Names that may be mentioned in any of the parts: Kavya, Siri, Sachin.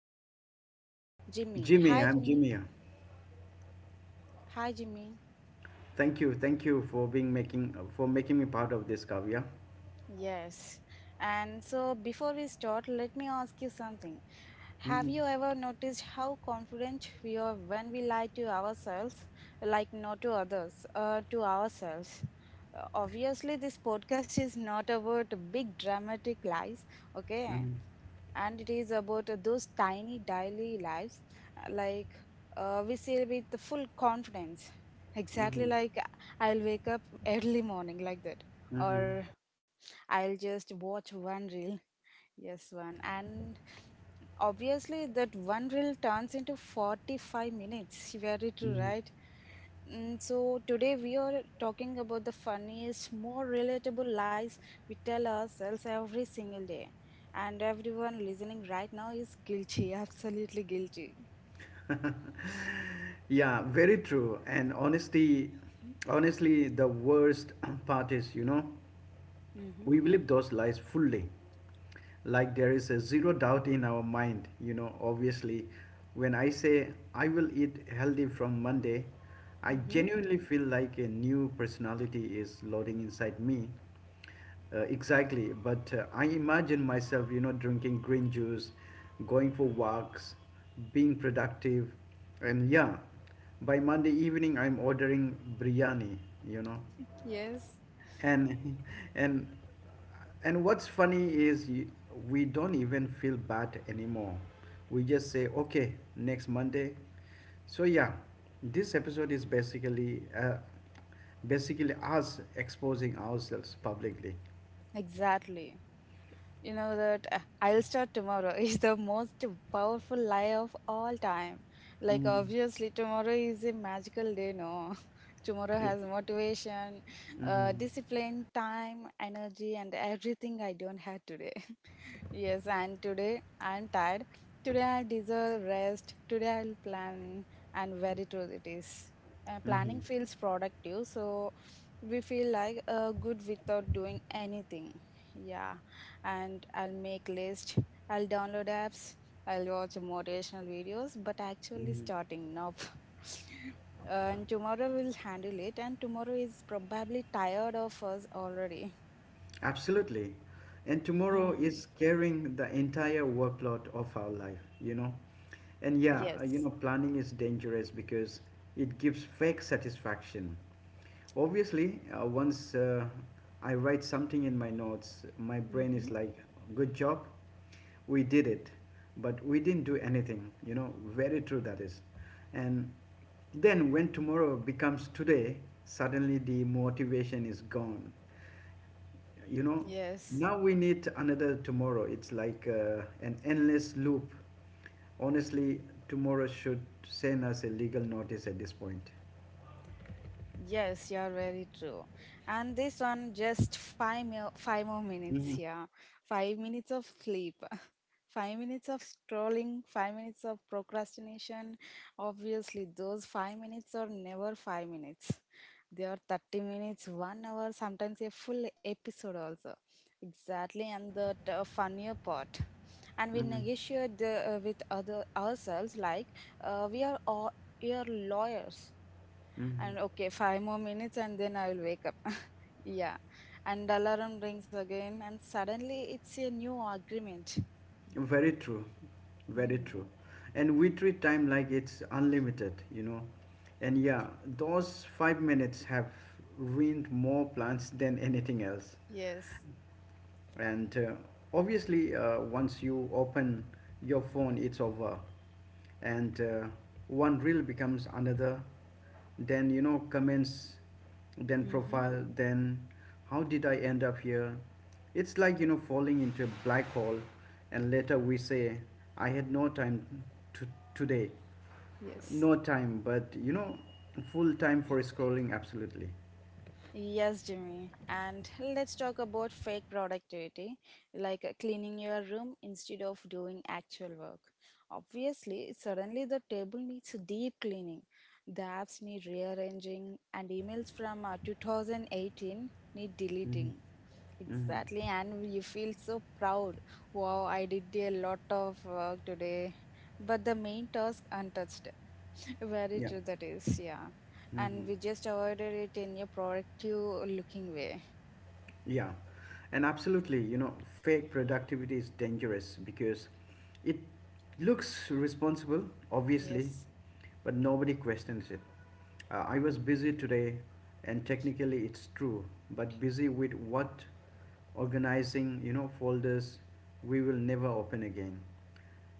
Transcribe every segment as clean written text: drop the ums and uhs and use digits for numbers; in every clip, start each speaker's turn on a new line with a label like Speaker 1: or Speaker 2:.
Speaker 1: co-host is Jimmy.
Speaker 2: Jimmy,
Speaker 1: Hi
Speaker 2: I'm
Speaker 1: Jimmy.
Speaker 2: Jimmy.
Speaker 1: Hi Jimmy.
Speaker 2: Thank you for making me part of this, Kavya.
Speaker 1: Yes. And so before we start, let me ask you something. Have you ever noticed how confident we are when we lie to ourselves, like not to others, to ourselves? Obviously, this podcast is not about big dramatic lies, okay?
Speaker 2: Mm-hmm,
Speaker 1: And it is about those tiny daily lives uh, like we say with the full confidence
Speaker 2: mm-hmm,
Speaker 1: exactly I'll wake up early morning like that,
Speaker 2: mm-hmm,
Speaker 1: or I'll just watch one reel. Yes, one, and obviously that one reel turns into 45 minutes, you are it,
Speaker 2: mm-hmm.
Speaker 1: right? Mm, so today we are talking about the funniest, more relatable lies we tell ourselves every single day. And everyone listening right now is guilty, absolutely guilty.
Speaker 2: Yeah, very true. And honestly, the worst part is
Speaker 1: Mm-hmm.
Speaker 2: we believe those lies fully. Like there is a zero doubt in our mind, obviously. When I say I will eat healthy from Monday, I
Speaker 1: Mm-hmm.
Speaker 2: genuinely feel like a new personality is loading inside me. Exactly, but I imagine myself, drinking green juice, going for walks, being productive, and yeah, by Monday evening I'm ordering biryani, you know,
Speaker 1: Yes,
Speaker 2: and and and what's funny is we don't even feel bad anymore. We just say, okay, next Monday. So yeah, this episode is basically us exposing ourselves publicly.
Speaker 1: exactly. You know that I'll start tomorrow is the most powerful lie of all time. Like,
Speaker 2: Mhm.
Speaker 1: obviously, tomorrow is a magical day, no? Tomorrow has motivation,
Speaker 2: Mhm.
Speaker 1: discipline, time, energy, and everything I don't have today. Yes, and today I'm tired. Today I deserve rest. Today I'll plan, and very true it is. Planning
Speaker 2: Mhm.
Speaker 1: feels productive, so we feel like good without doing anything. Yeah, and I'll make list, I'll download apps, I'll watch motivational videos, but actually
Speaker 2: Mhm.
Speaker 1: starting now. And tomorrow we'll handle it, and tomorrow is probably tired of us already.
Speaker 2: Absolutely. And tomorrow
Speaker 1: Mm,
Speaker 2: is carrying the entire workload of our life. And yeah,
Speaker 1: yes.
Speaker 2: planning is dangerous because it gives fake satisfaction. Obviously, once I write something in my notes, my brain
Speaker 1: Mm-hmm.
Speaker 2: is like, good job, we did it, but we didn't do anything, very true that is. And then when tomorrow becomes today, suddenly the motivation is gone you know
Speaker 1: Yes.
Speaker 2: now we need another tomorrow. It's like an endless loop. Honestly, tomorrow should send us a legal notice at this point.
Speaker 1: Yes, you're very true. And this one, just five more minutes,
Speaker 2: Mhm,
Speaker 1: yeah. 5 minutes of sleep. 5 minutes of scrolling, 5 minutes of procrastination. Obviously, those 5 minutes are never 5 minutes. They are 30 minutes, 1 hour, sometimes a full episode also. Exactly, and funnier part. And we
Speaker 2: mhm,
Speaker 1: negotiate with other ourselves like, uh, we are all, we are lawyers.
Speaker 2: mhm.
Speaker 1: And okay, five more minutes, and then I will wake up. Yeah, and alarm rings again, and suddenly it's a new agreement.
Speaker 2: Very true. Very
Speaker 1: Hmm.
Speaker 2: true. And we treat time like it's unlimited, and yeah, those 5 minutes have ruined more plans than anything else.
Speaker 1: Yes.
Speaker 2: And obviously, once you open your phone, it's over. And one reel becomes another, then comments, then
Speaker 1: Mm-hmm.
Speaker 2: profile, then how did I end up here? It's like falling into a black hole. And later we say, I had no time to today.
Speaker 1: Yes.
Speaker 2: No time, but full time for scrolling. Absolutely.
Speaker 1: Yes, Jimmy. And let's talk about fake productivity, like cleaning your room instead of doing actual work. Obviously, suddenly the table needs deep cleaning. The apps need rearranging, and emails from 2018 need
Speaker 2: Mm-hmm.
Speaker 1: deleting.
Speaker 2: Mm-hmm.
Speaker 1: Exactly, and you feel so proud. Wow, I did a lot of work today, but the main task untouched. Very
Speaker 2: Yeah.
Speaker 1: true, that is, yeah. And
Speaker 2: Mm-hmm.
Speaker 1: we just avoided it in a productive looking way.
Speaker 2: Yeah, and absolutely, fake productivity is dangerous because it looks responsible, obviously,
Speaker 1: Yes.
Speaker 2: but nobody questions it. I was busy today, and technically it's true, but busy with what? Organizing folders we will never open again.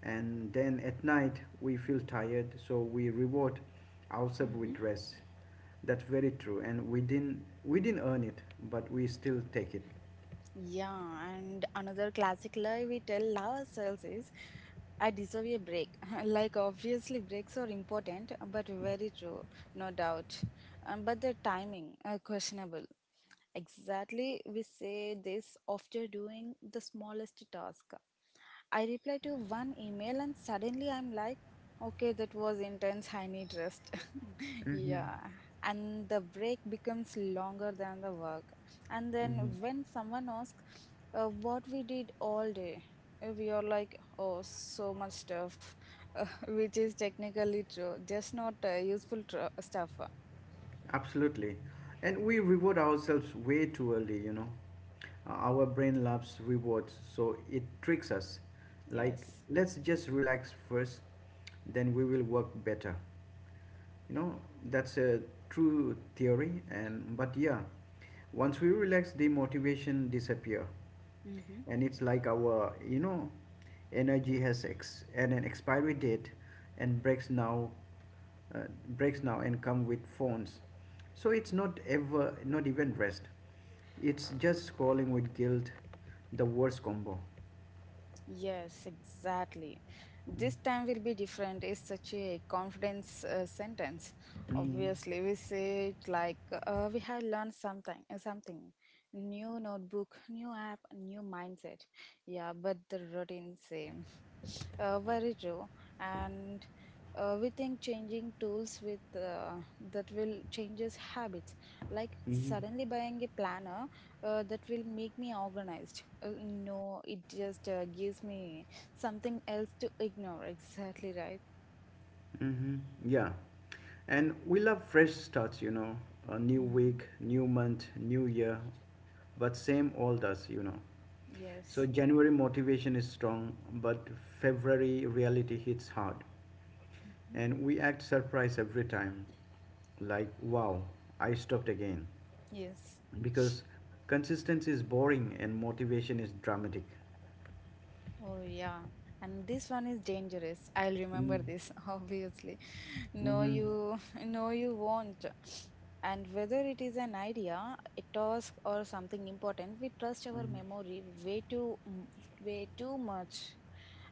Speaker 2: And then at night, we feel tired, so we reward ourselves
Speaker 1: Mm-hmm.
Speaker 2: with rest. That's very true, and we didn't earn it, but we still take it.
Speaker 1: Yeah, and another classic lie we tell ourselves is, I deserve a break. Like, obviously, breaks are important, but very true, no doubt. But the timing, questionable. Exactly, we say this after doing the smallest task. I reply to one email and suddenly I'm like, okay, that was intense, I need rest.
Speaker 2: Mm-hmm.
Speaker 1: Yeah, and the break becomes longer than the work. And then
Speaker 2: Mm-hmm.
Speaker 1: when someone asks what we did all day, we are like, oh, so much stuff, which is technically true, just not useful stuff.
Speaker 2: Absolutely. And we reward ourselves way too early. Our brain loves rewards, so it tricks us. Like,
Speaker 1: Yes.
Speaker 2: let's just relax first, then we will work better. You know, that's a true theory, and but yeah, once we relax, the motivation disappear.
Speaker 1: Mm-hmm.
Speaker 2: And it's like our energy has ex- and an expiry date, and uh, breaks now and come with phones. So it's not ever, not even rest. It's just scrolling with guilt, the worst combo.
Speaker 1: Yes, exactly. This time will be different is such a confidence sentence.
Speaker 2: Mhm,
Speaker 1: Obviously, we say it like we have learned something, something new notebook, new app, new mindset. Yeah, but the routine same. Very true. And we think changing tools with that will changes habits. Like
Speaker 2: mhm,
Speaker 1: suddenly buying a planner that will make me organized. No, it just gives me something else to ignore. Exactly right.
Speaker 2: mhm. Yeah, and we love fresh starts, a new
Speaker 1: Hmm.
Speaker 2: week, new month, new year, but same old us. So
Speaker 1: Yes.
Speaker 2: January motivation is strong, but February reality hits hard, and we act surprised every time, like wow, I stopped again.
Speaker 1: Yes.
Speaker 2: Because consistency is boring and motivation is dramatic.
Speaker 1: Oh, yeah. And this one is dangerous. I'll
Speaker 2: Mm-hmm.
Speaker 1: remember this, obviously. No, you, no, you won't. And whether it is an idea, a task, or something important, we trust our memory way too much.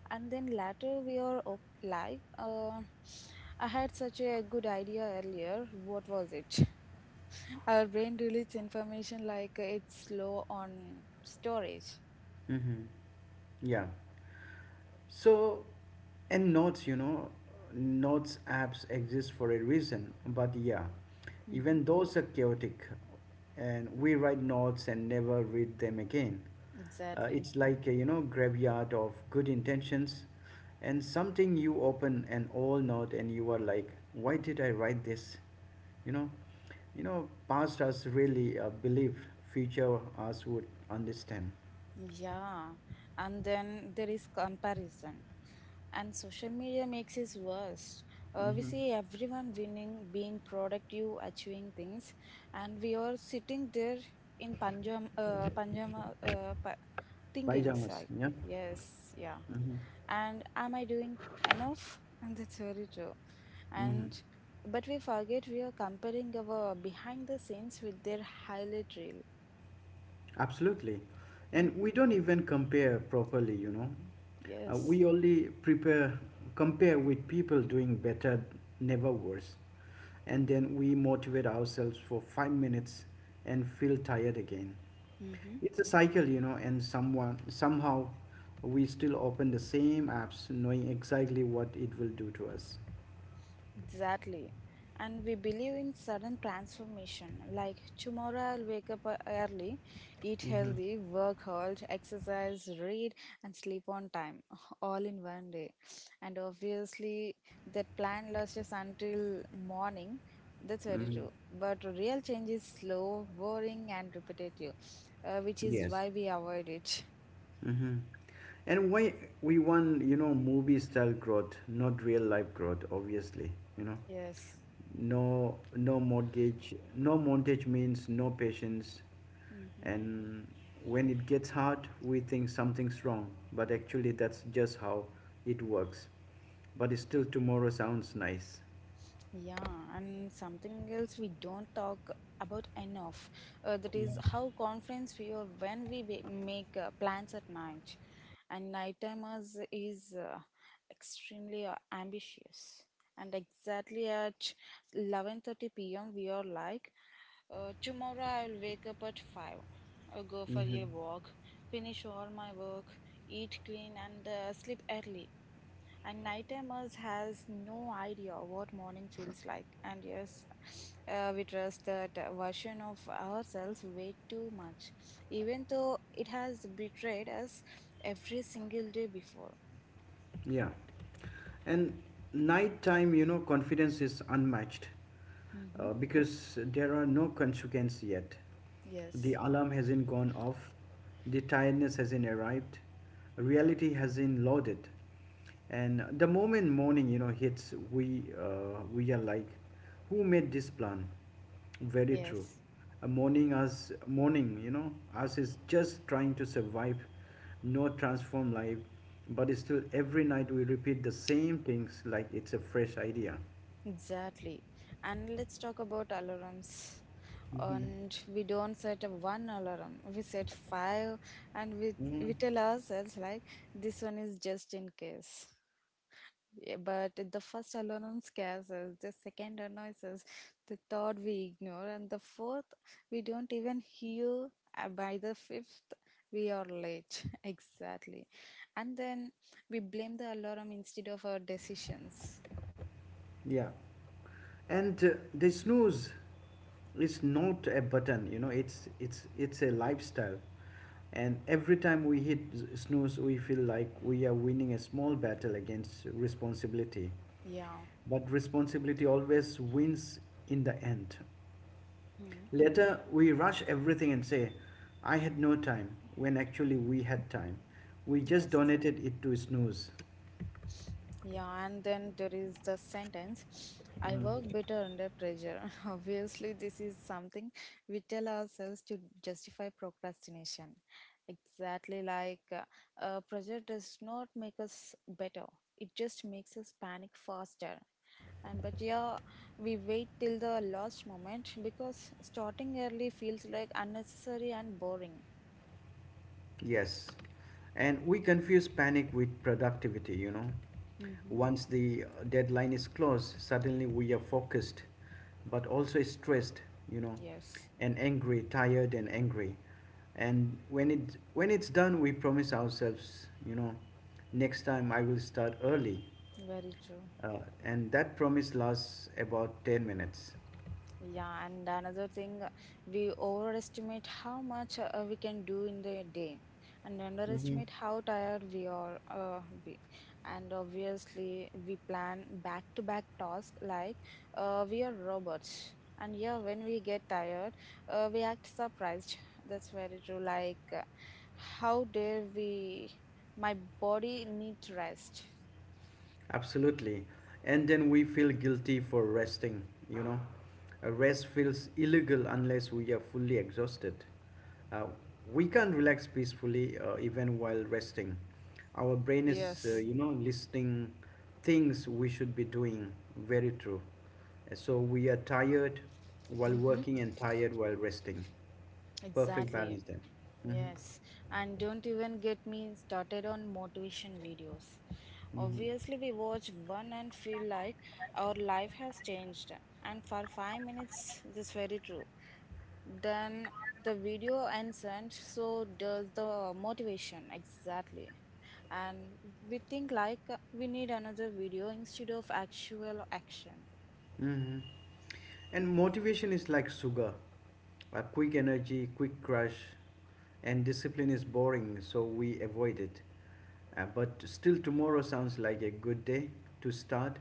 Speaker 1: And then later we are like, I had such a good idea earlier. What was it? Our brain deletes information like it's slow on storage.
Speaker 2: Mm-hmm. Hmm. Yeah. So, and notes, notes apps exist for a reason, but yeah,
Speaker 1: Hmm.
Speaker 2: even those are chaotic. And we write notes and never read them again.
Speaker 1: Exactly.
Speaker 2: It's like a graveyard of good intentions, and something you open an old note and you are like, why did I write this? You know, past us really believed future us would understand.
Speaker 1: Yeah, and then there is comparison. And social media makes it worse. We
Speaker 2: Mm-hmm.
Speaker 1: see everyone winning, being productive, achieving things, and we are sitting there in thinking
Speaker 2: Pajamas,
Speaker 1: side.
Speaker 2: yeah.
Speaker 1: Yes, yeah. And am I doing enough? And that's very true.
Speaker 2: Mhm.
Speaker 1: And but we forget we are comparing our behind the scenes with their highlight reel.
Speaker 2: Absolutely. And
Speaker 1: Mm,
Speaker 2: we don't even compare properly.
Speaker 1: yes.
Speaker 2: We only compare with people doing better, never worse. And then we motivate ourselves for 5 minutes and feel tired again. It's a cycle, and someone, somehow we still open the same apps knowing exactly what it will do to us.
Speaker 1: Exactly. And we believe in sudden transformation. Like tomorrow, I'll wake up early, eat
Speaker 2: Mm-hmm.
Speaker 1: healthy, work hard, exercise, read, and sleep on time, all in one day. And obviously, that plan lasts us until morning. That's very
Speaker 2: Mm-hmm.
Speaker 1: true. But real change is slow, boring, and repetitive, which is
Speaker 2: Yes.
Speaker 1: why we avoid it.
Speaker 2: Mm-hmm. And why we want movie style growth, not real life growth, obviously. You know,
Speaker 1: Yes.
Speaker 2: no, no mortgage, no montage means no patience. And when it gets hard, we think something's wrong. But actually, that's just how it works. But still, tomorrow sounds nice.
Speaker 1: Yeah, and something else we don't talk about enough that is how confidence feel when we make plans at night. And nighttimers is extremely ambitious. And exactly at 11:30 p.m. we are like, tomorrow I'll wake up at 5. I'll go for
Speaker 2: Mm-hmm.
Speaker 1: a walk, finish all my work, eat clean and sleep early. And nightimers has no idea what morning feels like. And yes, we trust that version of ourselves way too much, even though it has betrayed us every single day before.
Speaker 2: Yeah. And nighttime confidence is unmatched
Speaker 1: Mm-hmm.
Speaker 2: uh, because there are no consequences yet. The
Speaker 1: Yes,
Speaker 2: alarm hasn't gone off, the tiredness hasn't arrived, reality hasn't loaded. And the moment morning hits, we are like, who made this plan? Very true.
Speaker 1: yes,
Speaker 2: A mourning us is just trying to survive, no transform life, but still every night we repeat the same things like it's a fresh idea.
Speaker 1: exactly. And let's talk about alarms.
Speaker 2: Hmm.
Speaker 1: And we don't set a one alarm. We set five, and we
Speaker 2: Mm.
Speaker 1: we tell ourselves like this one is just in case. Yeah, but the first alarm scares us, the second annoys us, the third we ignore, and the fourth we don't even hear. By the fifth, we are late. Exactly. And then we blame the alarm instead of our decisions.
Speaker 2: Yeah, and the snooze is not a button. It's a lifestyle, and every time we hit snooze, we feel like we are winning a small battle against responsibility.
Speaker 1: Yeah.
Speaker 2: But responsibility always wins in the end.
Speaker 1: Hmm.
Speaker 2: Later, we rush everything and say, I had no time, when actually we had time. We just
Speaker 1: Yes.
Speaker 2: donated it to snooze.
Speaker 1: Yeah, and then there is the sentence I
Speaker 2: Mm.
Speaker 1: work better under pressure. Obviously, this is something we tell ourselves to justify procrastination. Exactly pressure does not make us better, it just makes us panic faster. And but yeah, we wait till the last moment because starting early feels like unnecessary and boring.
Speaker 2: Yes, and we confuse panic with productivity.
Speaker 1: Hmm.
Speaker 2: Once the deadline is closed, suddenly we are focused, but also stressed, you know,
Speaker 1: Yes,
Speaker 2: and angry, tired and angry. And when it's done, we promise ourselves, next time I will start early,
Speaker 1: very true.
Speaker 2: uh, and that promise lasts about 10 minutes.
Speaker 1: Yeah, and another thing, we overestimate how much we can do in the day and
Speaker 2: Hmm.
Speaker 1: underestimate how tired we are. We. And obviously, we plan back to back tasks like we are robots. And yeah, when we get tired, we act surprised. That's very true. Like, how dare we? My body needs rest.
Speaker 2: Absolutely. And then we feel guilty for resting, you know. A rest feels illegal unless we are fully exhausted. Uh, we can't relax peacefully even while resting. Our brain is, uh,
Speaker 1: Yes.
Speaker 2: you know, listing things we should be doing. Very true. So we are tired while
Speaker 1: Mm-hmm.
Speaker 2: working and tired while resting. Perfect
Speaker 1: Exactly.
Speaker 2: balance then. Mm-hmm.
Speaker 1: Yes, and don't even get me started on motivation videos.
Speaker 2: Mm-hmm.
Speaker 1: Obviously, we watch one and feel like our life has changed, and for 5 minutes, that's very true. Then the video ends, and so does the motivation exactly. And we think like we need another video instead of actual action.
Speaker 2: Mm-hmm. And motivation is like sugar, a quick energy, quick crush, and discipline is boring, so we avoid it. But still, tomorrow sounds like a good day to start.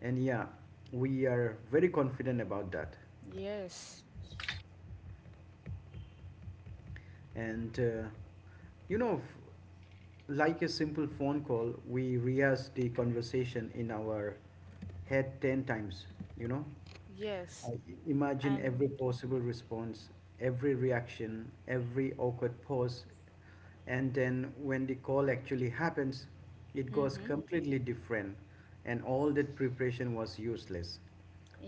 Speaker 2: And yeah, we are very confident about that.
Speaker 1: Yes,
Speaker 2: And you know, f- like a simple phone call, we rehearse the conversation in our head 10 times, you know.
Speaker 1: yes,
Speaker 2: I imagine every
Speaker 1: and
Speaker 2: possible response, every reaction, every awkward pause, and then when the call actually happens, it goes
Speaker 1: mm-hmm,
Speaker 2: completely different, and all that preparation was useless.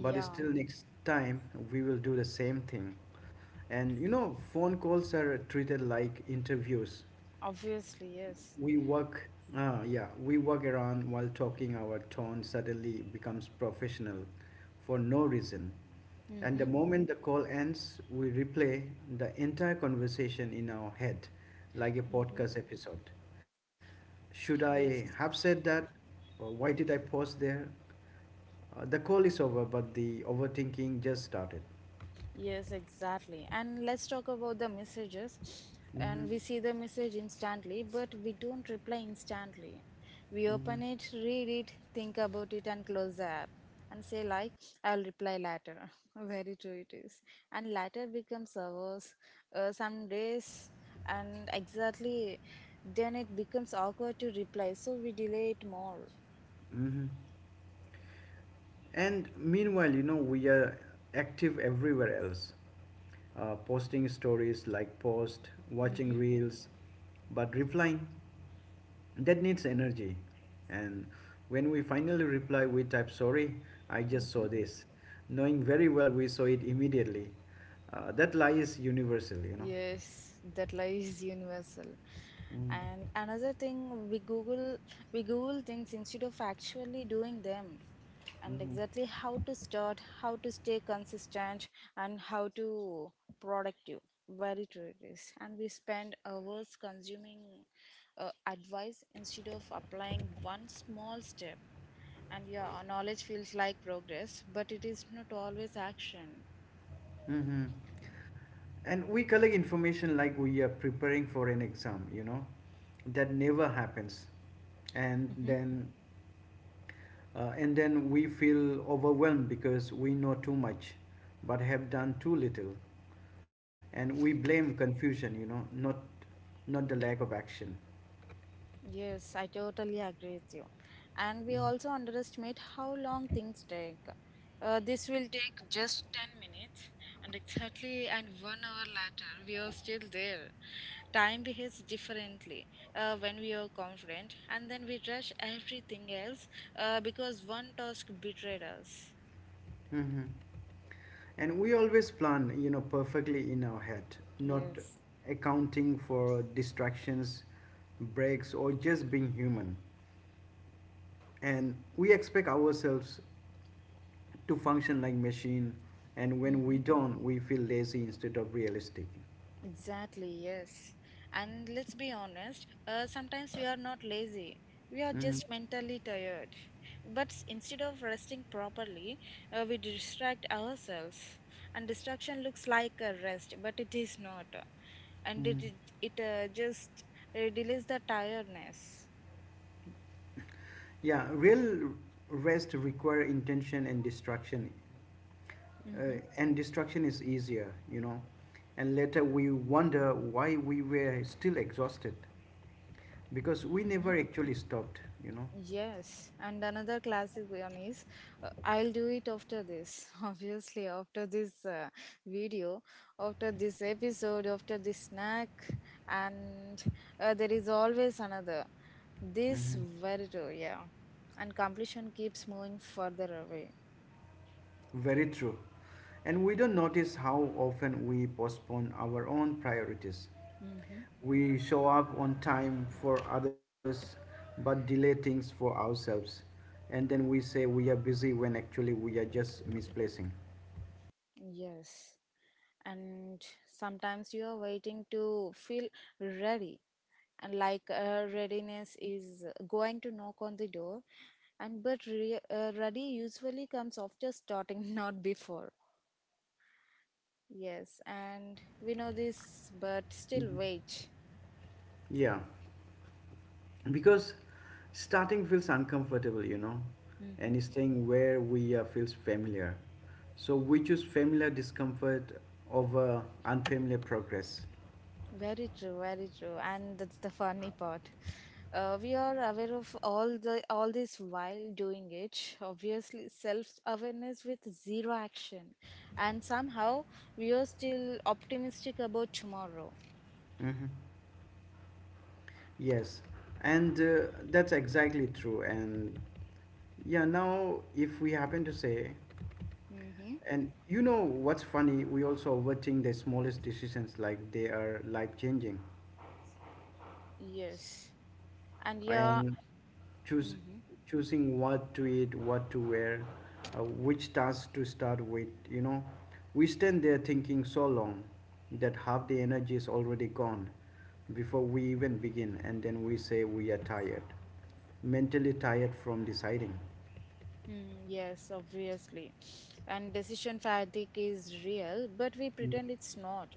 Speaker 2: But still, next time we will do the same thing. And phone calls are treated like interviews.
Speaker 1: obviously, yes.
Speaker 2: We work ah, yeah we work around while talking. Our tone suddenly becomes professional for no reason, and the
Speaker 1: Mm-hmm.
Speaker 2: moment the call ends, we replay the entire conversation in our head like a
Speaker 1: Mm-hmm.
Speaker 2: podcast episode. Should I have
Speaker 1: Yes,
Speaker 2: said that, or why did I pause there? The call is over, but the overthinking just started.
Speaker 1: yes, exactly. And let's talk about the messages.
Speaker 2: Hmm.
Speaker 1: And we see the message instantly, but we don't reply instantly. We
Speaker 2: Hmm.
Speaker 1: open it, read it, think about it, and close the app and say, like, I'll reply later. Very true, it is. And later becomes hours, some days, and exactly then it becomes awkward to reply, so we delay it more.
Speaker 2: Hmm. And meanwhile, we are active everywhere else. Posting stories like post, watching
Speaker 1: Mm-hmm.
Speaker 2: reels, but replying, that needs energy. And when we finally reply, we type sorry, I just
Speaker 1: Mm-hmm.
Speaker 2: saw this, knowing very well we saw it immediately. That lie is universal.
Speaker 1: Yes, that lies universal.
Speaker 2: Mm-hmm.
Speaker 1: And another thing, we Google things instead of actually doing them, and exactly how to start, how to stay consistent, and how to productive. Very true it is. And we spend hours consuming advice instead of applying one small step. And yeah, our knowledge feels like progress, but it is not always action.
Speaker 2: Mm-hmm. And we collect information like we are preparing for an exam that never happens. And
Speaker 1: Mhm.
Speaker 2: then we feel overwhelmed because we know too much but have done too little. And we blame confusion, not, not the lack of action.
Speaker 1: Yes, I totally agree with you. And we also underestimate how long things take. This will take just 10 minutes, and exactly and 1 hour later, we are still there. Time behaves differently when we are confident, and then we rush everything else because one task betrayed us.
Speaker 2: Mm-hmm. And we always plan perfectly in our head, not
Speaker 1: Yes.
Speaker 2: accounting for distractions, breaks, or just being human. And we expect ourselves to function like machine. And when we
Speaker 1: Mm-hmm.
Speaker 2: don't, we feel lazy instead of realistic.
Speaker 1: Exactly, yes. And let's be honest, sometimes we are not lazy. We are
Speaker 2: Hmm.
Speaker 1: just mentally tired. But instead of resting properly, we distract ourselves. And distraction looks like a rest, but it is not. And it just delays the tiredness.
Speaker 2: Yeah, real rest require intention
Speaker 1: Mm-hmm.
Speaker 2: and distraction is easier. And later we wonder why we were still exhausted, because we never actually stopped.
Speaker 1: Yes, and another classic one is I'll do it after this. Obviously, after this video, after this episode, after this snack, and there is always another. This
Speaker 2: Mhm.
Speaker 1: very true, yeah. And completion keeps moving further away.
Speaker 2: Very true. And we don't notice how often we postpone our own priorities.
Speaker 1: Mm-hmm.
Speaker 2: We show up on time for others, but delay things for ourselves, and then we say we are busy when actually we are just misplacing.
Speaker 1: Yes, and sometimes you are waiting to feel ready. And like readiness is going to knock on the door. Ready usually comes after starting, not before. Yes, and we know this but still wait.
Speaker 2: Yeah. Because starting feels uncomfortable you know
Speaker 1: Hmm.
Speaker 2: and staying where we are feels familiar, so we choose familiar discomfort over unfamiliar progress.
Speaker 1: Very true, very true. And that's the funny part, we are aware of all this while doing it. Obviously, self awareness with zero action, and somehow we are still optimistic about tomorrow.
Speaker 2: Hmm. Yes, and that's exactly true. And yeah, now if we happen to say.
Speaker 1: Mm-hmm.
Speaker 2: And you know what's funny, we also overthink the smallest decisions like they are life changing,
Speaker 1: Yes. And yeah,
Speaker 2: and choose
Speaker 1: mhm,
Speaker 2: choosing what to eat, what to wear, which task to start with. We stand there thinking so long that half the energy is already gone before we even begin, and then we say we are tired, mentally tired from deciding.
Speaker 1: mm, yes, obviously. And decision fatigue is real, but we pretend it's not.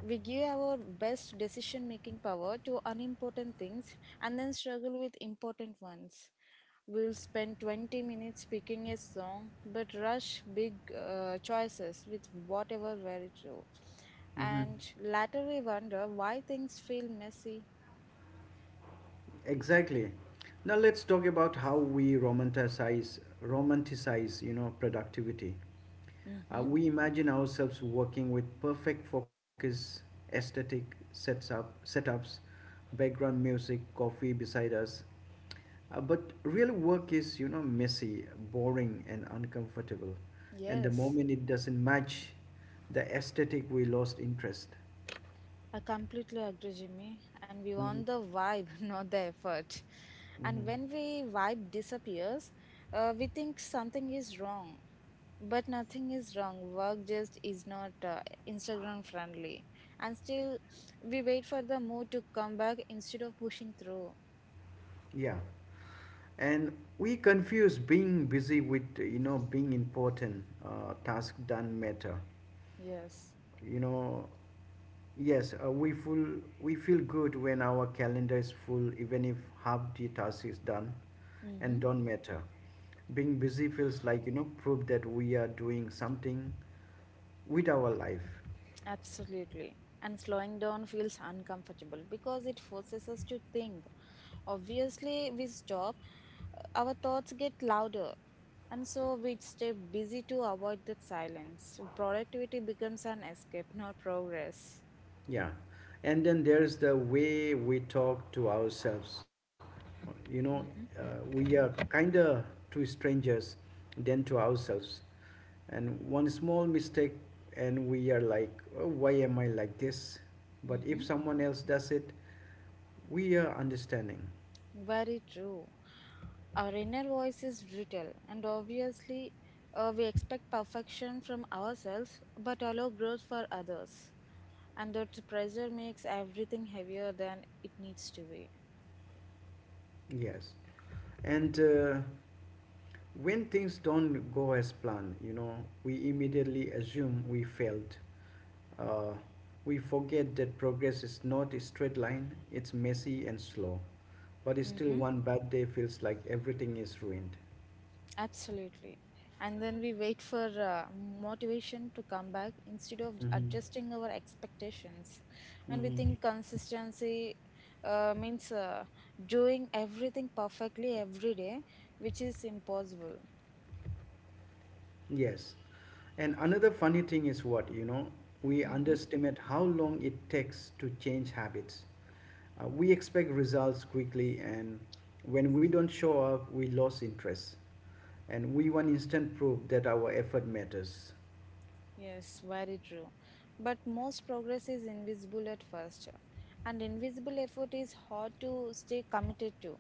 Speaker 1: We give our best decision making power to unimportant things and then struggle with important ones. We'll spend 20 minutes picking a song, but rush big choices with whatever very true.
Speaker 2: Mm-hmm.
Speaker 1: And later we wonder why things feel messy.
Speaker 2: Exactly. Now let's talk about how we romanticize productivity.
Speaker 1: Hmm.
Speaker 2: We imagine ourselves working with perfect focus, aesthetic setups, background music, coffee beside us. But real work is messy, boring, and uncomfortable. And the
Speaker 1: Yes.
Speaker 2: moment it doesn't match the aesthetic, we lost interest.
Speaker 1: I completely agree, Jimmy. And we
Speaker 2: Hmm.
Speaker 1: want the vibe, not the effort. And
Speaker 2: Hmm.
Speaker 1: when we vibe disappears, we think something is wrong. But nothing is wrong. Work just is not Instagram friendly. And still, we wait for the mood to come back instead of pushing through.
Speaker 2: Yeah, and we confuse being busy with being important. Task done matter.
Speaker 1: Yes.
Speaker 2: you know yes, we feel good when our calendar is full even if half the task is done and
Speaker 1: Mm-hmm.
Speaker 2: don't matter. Being busy feels like proof that we are doing something with our life.
Speaker 1: Absolutely. And slowing down feels uncomfortable because it forces us to think. Obviously, we stop, our thoughts get louder, and so we stay busy to avoid that silence. Productivity becomes an escape, not progress.
Speaker 2: Yeah. And then there's the way we talk to ourselves. You know, uh, we are kinder to strangers than to ourselves. And one small mistake, and we are like, "Oh, why am I like this?" But if
Speaker 1: Hmm.
Speaker 2: someone else does it, we are understanding.
Speaker 1: Very true. Our inner voice is brutal, and obviously, we expect perfection from ourselves but allow growth for others. And that pressure makes everything heavier than it needs to be.
Speaker 2: Yes. And when things don't go as planned, we immediately assume we failed. Uh, we forget that progress is not a straight line, it's messy and slow. But still,
Speaker 1: Mm-hmm.
Speaker 2: one bad day feels like everything is ruined.
Speaker 1: Absolutely. And then we wait for motivation to come back instead of
Speaker 2: Hmm.
Speaker 1: adjusting our expectations. And we
Speaker 2: Hmm.
Speaker 1: think consistency means doing everything perfectly every day, which is impossible.
Speaker 2: Yes. And another funny thing is what, we
Speaker 1: Mm-hmm.
Speaker 2: underestimate how long it takes to change habits. We expect results quickly, and when we don't show up, we lose interest. And we want instant proof that our effort matters.
Speaker 1: Yes, very true. But most progress is invisible at first, and invisible effort is hard to stay committed to.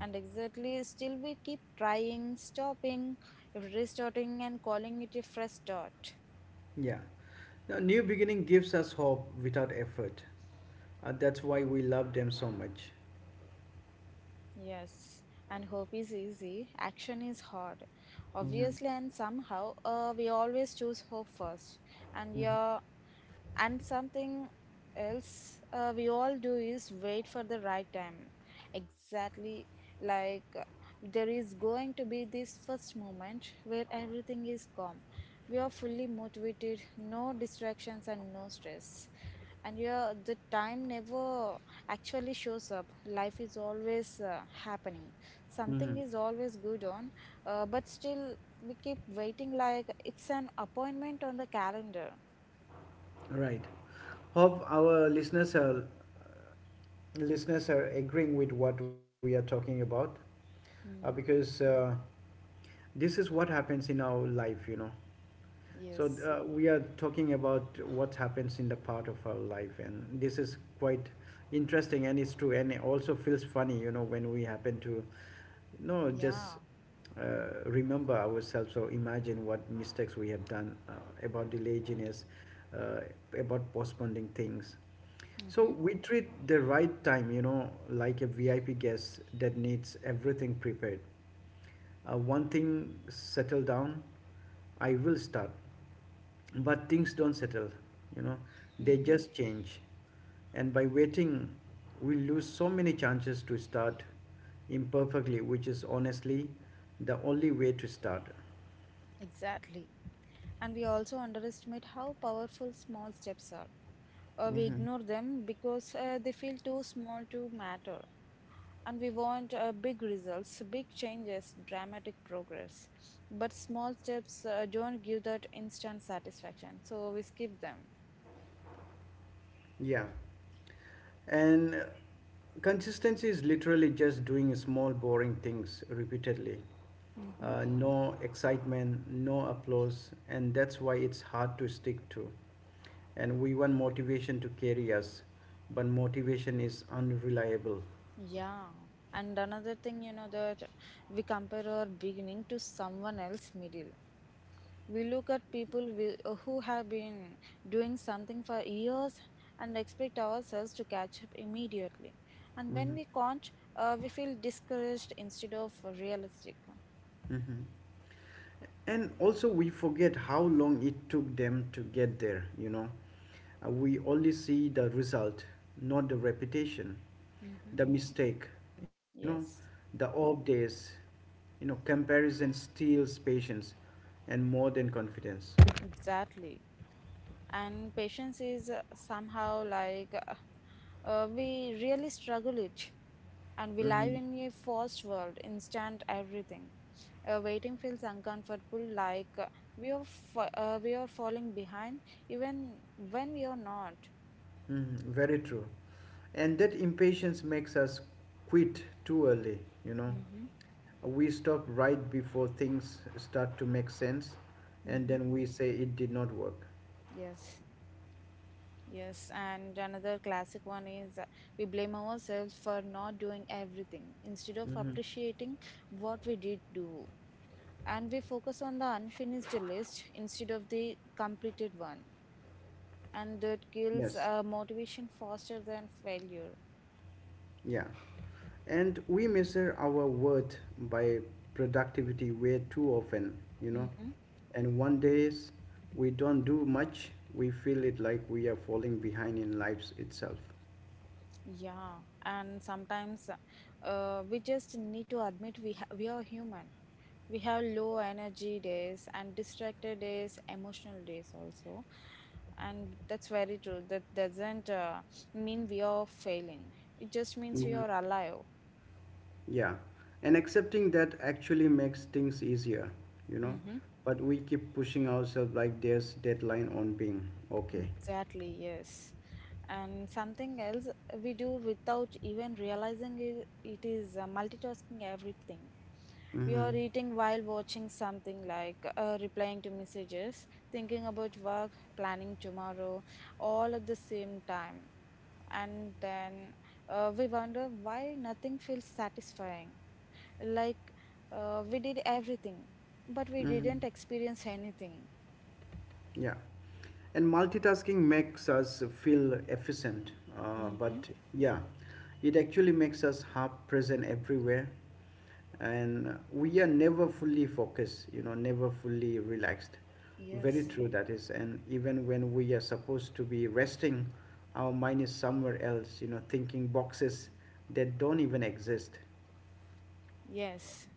Speaker 1: And exactly, still we keep trying, stopping, restarting, and calling it a fresh start.
Speaker 2: Yeah. Now, new beginning gives us hope without effort. That's why we love them so much.
Speaker 1: Yes, and hope is easy, action is hard.
Speaker 2: Mm-hmm.
Speaker 1: Obviously, and somehow, we always choose hope first. And
Speaker 2: Mm-hmm.
Speaker 1: yeah, and something else we all do is wait for the right time. Exactly like there is going to be this first moment where everything is calm. We are fully motivated, no distractions and no stress. And yeah, the time never actually shows up. Life is always happening.
Speaker 2: Mm-hmm.
Speaker 1: Something is always good on, but still we keep waiting like it's an appointment on the calendar.
Speaker 2: Right. Hope our listeners are agreeing with what we are talking about,
Speaker 1: Hmm.
Speaker 2: because this is what happens in our life. So
Speaker 1: Yes.
Speaker 2: we are talking about what happens in the part of our life, and this is quite interesting, and it's true, and it also feels funny, when we happen to, no,
Speaker 1: Yeah.
Speaker 2: just remember ourselves or imagine what mistakes we have done about the laziness, uh, about postponing things. So
Speaker 1: Mm-hmm.
Speaker 2: we treat the right time, like a VIP guest that needs everything prepared. One thing settle down, I will start. But things don't settle, you know, they
Speaker 1: Mm-hmm.
Speaker 2: just change. And by waiting, we lose so many chances to start imperfectly, which is honestly the only way to start.
Speaker 1: Exactly. And we also underestimate how powerful small steps are. We
Speaker 2: Mm-hmm.
Speaker 1: ignore them because they feel too small to matter. And we want big results, big changes, dramatic progress. But small steps don't give that instant satisfaction. So we skip them.
Speaker 2: Yeah. And consistency is literally just doing small, boring things repeatedly.
Speaker 1: Mm-hmm.
Speaker 2: No excitement, no applause, and that's why it's hard to stick to. And we want motivation to carry us, but motivation is unreliable.
Speaker 1: Yeah. And another thing, you know, that we compare our beginning to someone else's middle. We look at people who have been doing something for years and expect ourselves to catch up immediately. And when
Speaker 2: Hmm.
Speaker 1: we can't, we feel discouraged instead of realistic.
Speaker 2: Hmm. And also we forget how long it took them to get there. We only see the result, not the reputation,
Speaker 1: Hmm.
Speaker 2: the mistake you know
Speaker 1: Yes,
Speaker 2: the off days. Comparison steals patience and more than confidence.
Speaker 1: exactly. And patience is somehow like we really struggle it, and we live
Speaker 2: Hmm.
Speaker 1: in a fast world, instant everything. Waiting feels uncomfortable like we are fa- we are falling behind even when we are not.
Speaker 2: Hmm. Very true. And that impatience makes us quit too early, you know.
Speaker 1: Mm-hmm.
Speaker 2: We stop right before things start to make sense, and
Speaker 1: Mm-hmm.
Speaker 2: then we say it did not work.
Speaker 1: Yes, yes, and another classic one is we blame ourselves for not doing everything instead of
Speaker 2: Hmm.
Speaker 1: appreciating what we did do, and we focus on the unfinished list instead of the completed one, and that kills
Speaker 2: Yes.
Speaker 1: motivation faster than failure.
Speaker 2: Yeah. And we measure our worth by productivity way too often.
Speaker 1: Mm-hmm.
Speaker 2: And one days we don't do much, we feel it like we are falling behind in lives itself.
Speaker 1: Yeah, and sometimes we just need to admit we are human. We have low energy days and distracted days, emotional days also, and that's very true that doesn't mean we are failing, it just means we
Speaker 2: Hmm.
Speaker 1: are alive.
Speaker 2: Yeah. And accepting that actually makes things easier you know but we keep pushing ourselves like there's deadline on being okay.
Speaker 1: Exactly, yes. And something else we do without even realizing it, it is multitasking everything. We
Speaker 2: Mm-hmm.
Speaker 1: are eating while watching something, like replying to messages, thinking about work, planning tomorrow, all at the same time. And then we wonder why nothing feels satisfying. Like we did everything, but we
Speaker 2: Mm-hmm.
Speaker 1: didn't experience anything.
Speaker 2: Yeah. And multitasking makes us feel efficient,
Speaker 1: Hmm.
Speaker 2: but yeah, it actually makes us half present everywhere. And we are never fully focused, never fully relaxed. Very
Speaker 1: Yes.
Speaker 2: true, that is. And even when we are supposed to be resting, our mind is somewhere else, thinking boxes that don't even exist.
Speaker 1: Yes,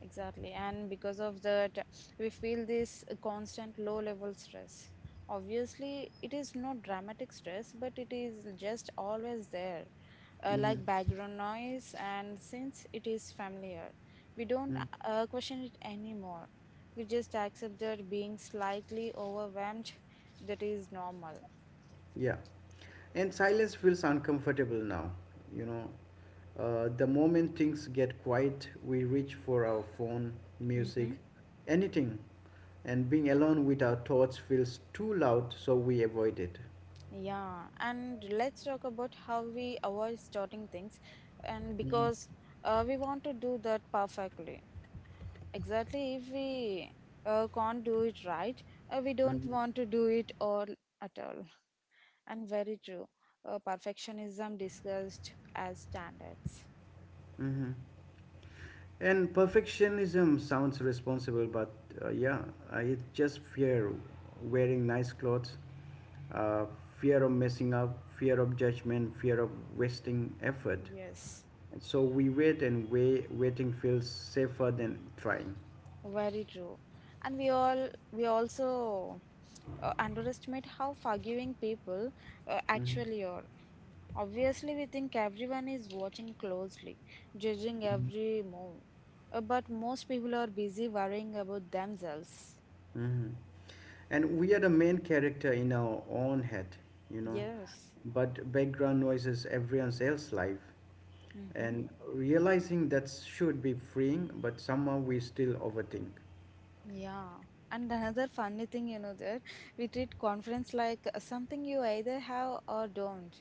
Speaker 1: exactly. And because of that, we feel this constant low level stress. Obviously, it is not dramatic stress, but it is just always there,
Speaker 2: Mm-hmm.
Speaker 1: like background noise. And since it is familiar, we don't
Speaker 2: Mm.
Speaker 1: question it anymore. We just accept that being slightly overwhelmed, that is normal.
Speaker 2: Yeah. And silence feels uncomfortable now, you know, the moment things get quiet, we reach for our phone, music,
Speaker 1: Mhm.
Speaker 2: anything. And being alone with our thoughts feels too loud, so we avoid it.
Speaker 1: Yeah, and let's talk about how we avoid starting things, and
Speaker 2: Mhm,
Speaker 1: because we want to do that perfectly. Exactly, if we can't do it right, we don't
Speaker 2: mhm,
Speaker 1: want to do it all at all. And very true, perfectionism discussed as standards.
Speaker 2: mhm. And perfectionism sounds responsible, but yeah, it's just fear wearing nice clothes, uh, fear of messing up, fear of judgment, fear of wasting effort.
Speaker 1: Yes,
Speaker 2: So we wait and wait, waiting feels safer than trying.
Speaker 1: very true. And we also underestimate how forgiving people
Speaker 2: Mhm.
Speaker 1: actually are. Obviously, we think everyone is watching closely, judging every move. But most people are busy worrying about themselves.
Speaker 2: Mhm. And we are the main character in our own head, you know,
Speaker 1: Yes.
Speaker 2: but background noise is everyone else's life.
Speaker 1: Mm-hmm.
Speaker 2: And realizing that should be freeing, but somehow we still overthink.
Speaker 1: Yeah. And another funny thing, you know, that we treat conference like something you either have or don't.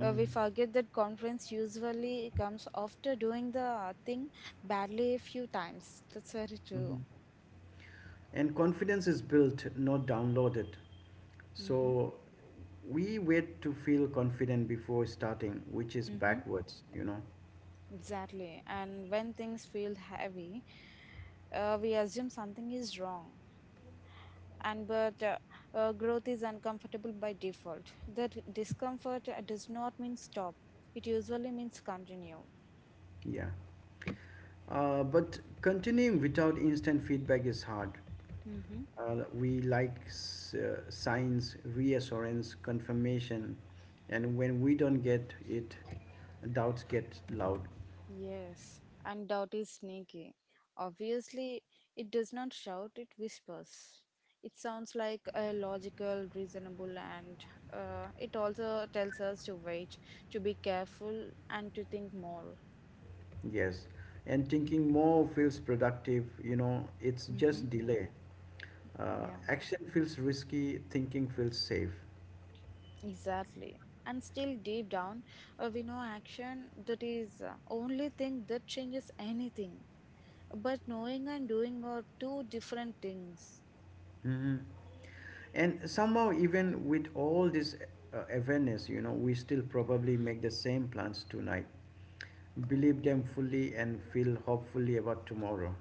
Speaker 1: We forget that conference usually comes after doing the thing badly a few times. That's very true.
Speaker 2: Mhm. And confidence is built, not downloaded.
Speaker 1: Mm-hmm.
Speaker 2: So we wait to feel confident before starting, which is
Speaker 1: Mm-hmm.
Speaker 2: backwards.
Speaker 1: Exactly. And when things feel heavy, we assume something is wrong, and but growth is uncomfortable by default. That discomfort does not mean stop, it usually means continue.
Speaker 2: Yeah. But continuing without instant feedback is hard.
Speaker 1: Mm-hmm.
Speaker 2: We like signs, reassurance, confirmation, and when we don't get it, doubts get loud.
Speaker 1: Yes, and doubt is sneaky, obviously. It does not shout, it whispers. It sounds like a logical, reasonable, and it also tells us to wait, to be careful, and to think more.
Speaker 2: Yes, and thinking more feels productive. It's
Speaker 1: Mm-hmm.
Speaker 2: just delay.
Speaker 1: Yeah.
Speaker 2: Action feels risky. Thinking feels safe.
Speaker 1: Exactly. And still, deep down, we know action, that is only thing that changes anything. But knowing and doing are two different things.
Speaker 2: Hmm. And somehow, even with all this awareness, we still probably make the same plans tonight, believe them fully, and feel hopefully about tomorrow.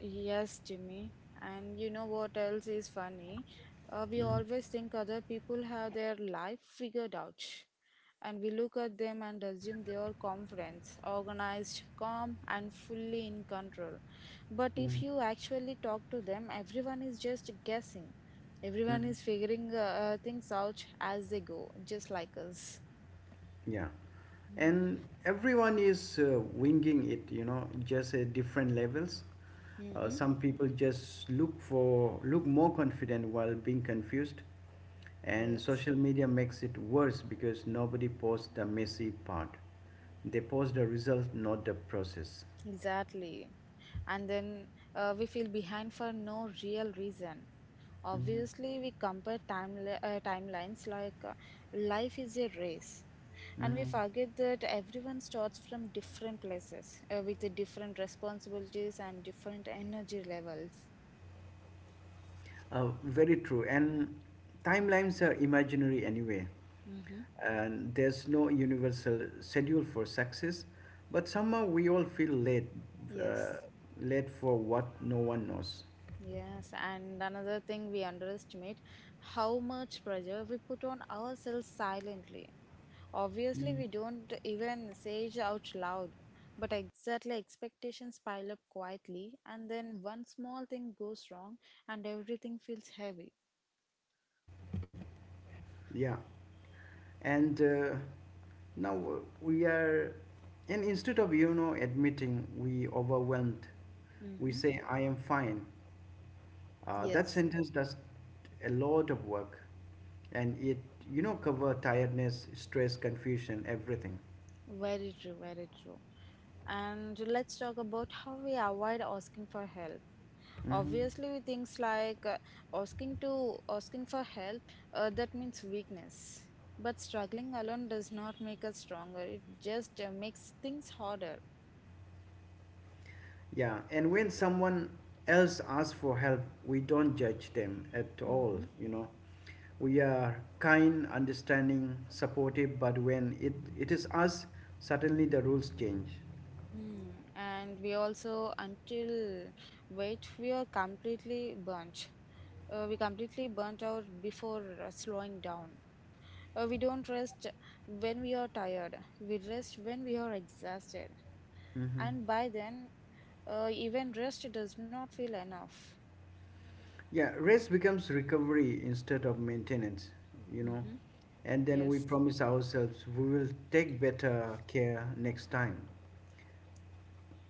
Speaker 1: Yes, Jimmy. And you know what else is funny? We
Speaker 2: Mhm.
Speaker 1: always think other people have their life figured out. And we look at them and assume they are confident, organized, calm, and fully in control. But if you actually talk to them, everyone is just guessing. Everyone
Speaker 2: Mhm.
Speaker 1: is figuring things out as they go, just like us.
Speaker 2: Yeah,
Speaker 1: Mm-hmm.
Speaker 2: and everyone is winging it, just at different levels.
Speaker 1: Mm-hmm.
Speaker 2: Some people just look more confident while being confused, and
Speaker 1: Yes.
Speaker 2: social media makes it worse because nobody posts the messy part. They post the result, not the process.
Speaker 1: Exactly. And then we feel behind for no real reason.
Speaker 2: Mm-hmm.
Speaker 1: Obviously, we compare timelines like life is a race. And we
Speaker 2: Mm-hmm.
Speaker 1: forget that everyone starts from different places with the different responsibilities and different energy levels.
Speaker 2: Very true. And timelines are imaginary anyway.
Speaker 1: Mm-hmm.
Speaker 2: And there's no universal schedule for success, but somehow we all feel late, uh,
Speaker 1: Yes,
Speaker 2: late for what no one knows.
Speaker 1: yes. And another thing we underestimate how much pressure we put on ourselves silently. Obviously,
Speaker 2: Mm.
Speaker 1: we don't even say it out loud, but exactly expectations pile up quietly, and then one small thing goes wrong, and everything feels heavy.
Speaker 2: Yeah, and now we are and instead of admitting we overwhelmed, we
Speaker 1: Mm-hmm.
Speaker 2: say I am fine. That
Speaker 1: Yes,
Speaker 2: sentence does a lot of work, and it cover tiredness stress confusion everything.
Speaker 1: very true, very true. And let's talk about how we avoid asking for help.
Speaker 2: Hmm.
Speaker 1: Obviously, with things like asking for help, that means weakness. But struggling alone does not make us stronger. It just makes things harder.
Speaker 2: Yeah, and when someone else asks for help, we don't judge them at all,
Speaker 1: Mm-hmm.
Speaker 2: you know. We are kind, understanding, supportive, but when it is us, suddenly the rules change.
Speaker 1: Hmm. And we also until wait we are completely burnt. We completely burnt out before slowing down. We don't rest when we are tired. We rest when we are exhausted.
Speaker 2: Hmm.
Speaker 1: And by then, even rest does not feel enough.
Speaker 2: Yeah, rest becomes recovery instead of maintenance, you know.
Speaker 1: Mm-hmm.
Speaker 2: And then we
Speaker 1: Yes,
Speaker 2: promise ourselves we will take better care next time.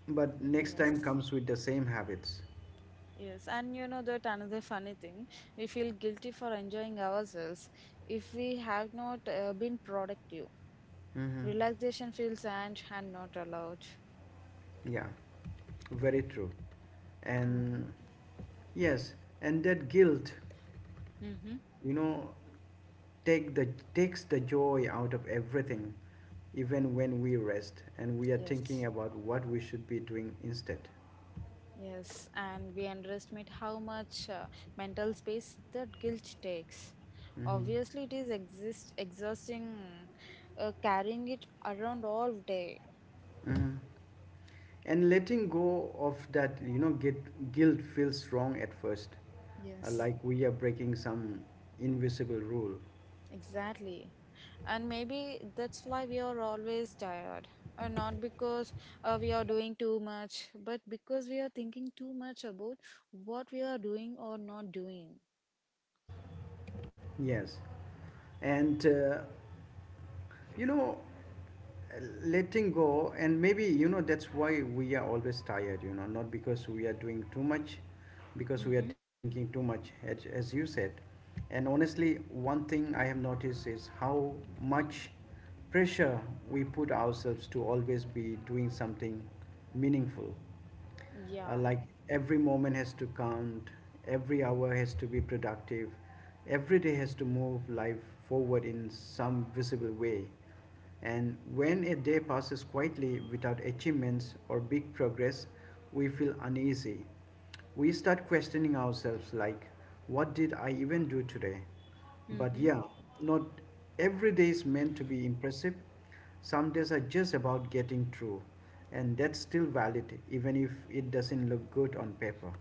Speaker 2: But next time
Speaker 1: yes,
Speaker 2: comes with the same habits.
Speaker 1: yes. And you know that another funny thing, we feel guilty for enjoying ourselves if we have not been productive.
Speaker 2: Hmm.
Speaker 1: Relaxation feels earned and not allowed.
Speaker 2: Yeah, very true.
Speaker 1: Mm.
Speaker 2: And yes, and that guilt,
Speaker 1: Mm-hmm.
Speaker 2: you know, take the takes the joy out of everything, even when we rest and we are thinking
Speaker 1: Yes,
Speaker 2: about what we should be doing instead.
Speaker 1: yes, and we underestimate how much mental space that guilt takes.
Speaker 2: Hmm.
Speaker 1: Obviously, it is exist exhausting, carrying it around all day.
Speaker 2: Hmm. And letting go of that, guilt feels wrong at first,
Speaker 1: Yes,
Speaker 2: like we are breaking some invisible rule.
Speaker 1: exactly, and maybe that's why we are always tired. Not because we are doing too much, but because we are thinking too much about what we are doing or not doing.
Speaker 2: Yes, and you know letting go, and maybe that's why we are always tired, not because we are doing too much, because we are thinking too much, as you said. And honestly one thing I have noticed is how much pressure we put ourselves to always be doing something meaningful,
Speaker 1: Yeah,
Speaker 2: like every moment has to count, every hour has to be productive, every day has to move life forward in some visible way. And when a day passes quietly without achievements or big progress, we feel uneasy. We start questioning ourselves like, what did I even do today? But
Speaker 1: mm-hmm,
Speaker 2: yeah, not every day is meant to be impressive. Some days are just about getting through, and that's still valid even if it doesn't look good on paper.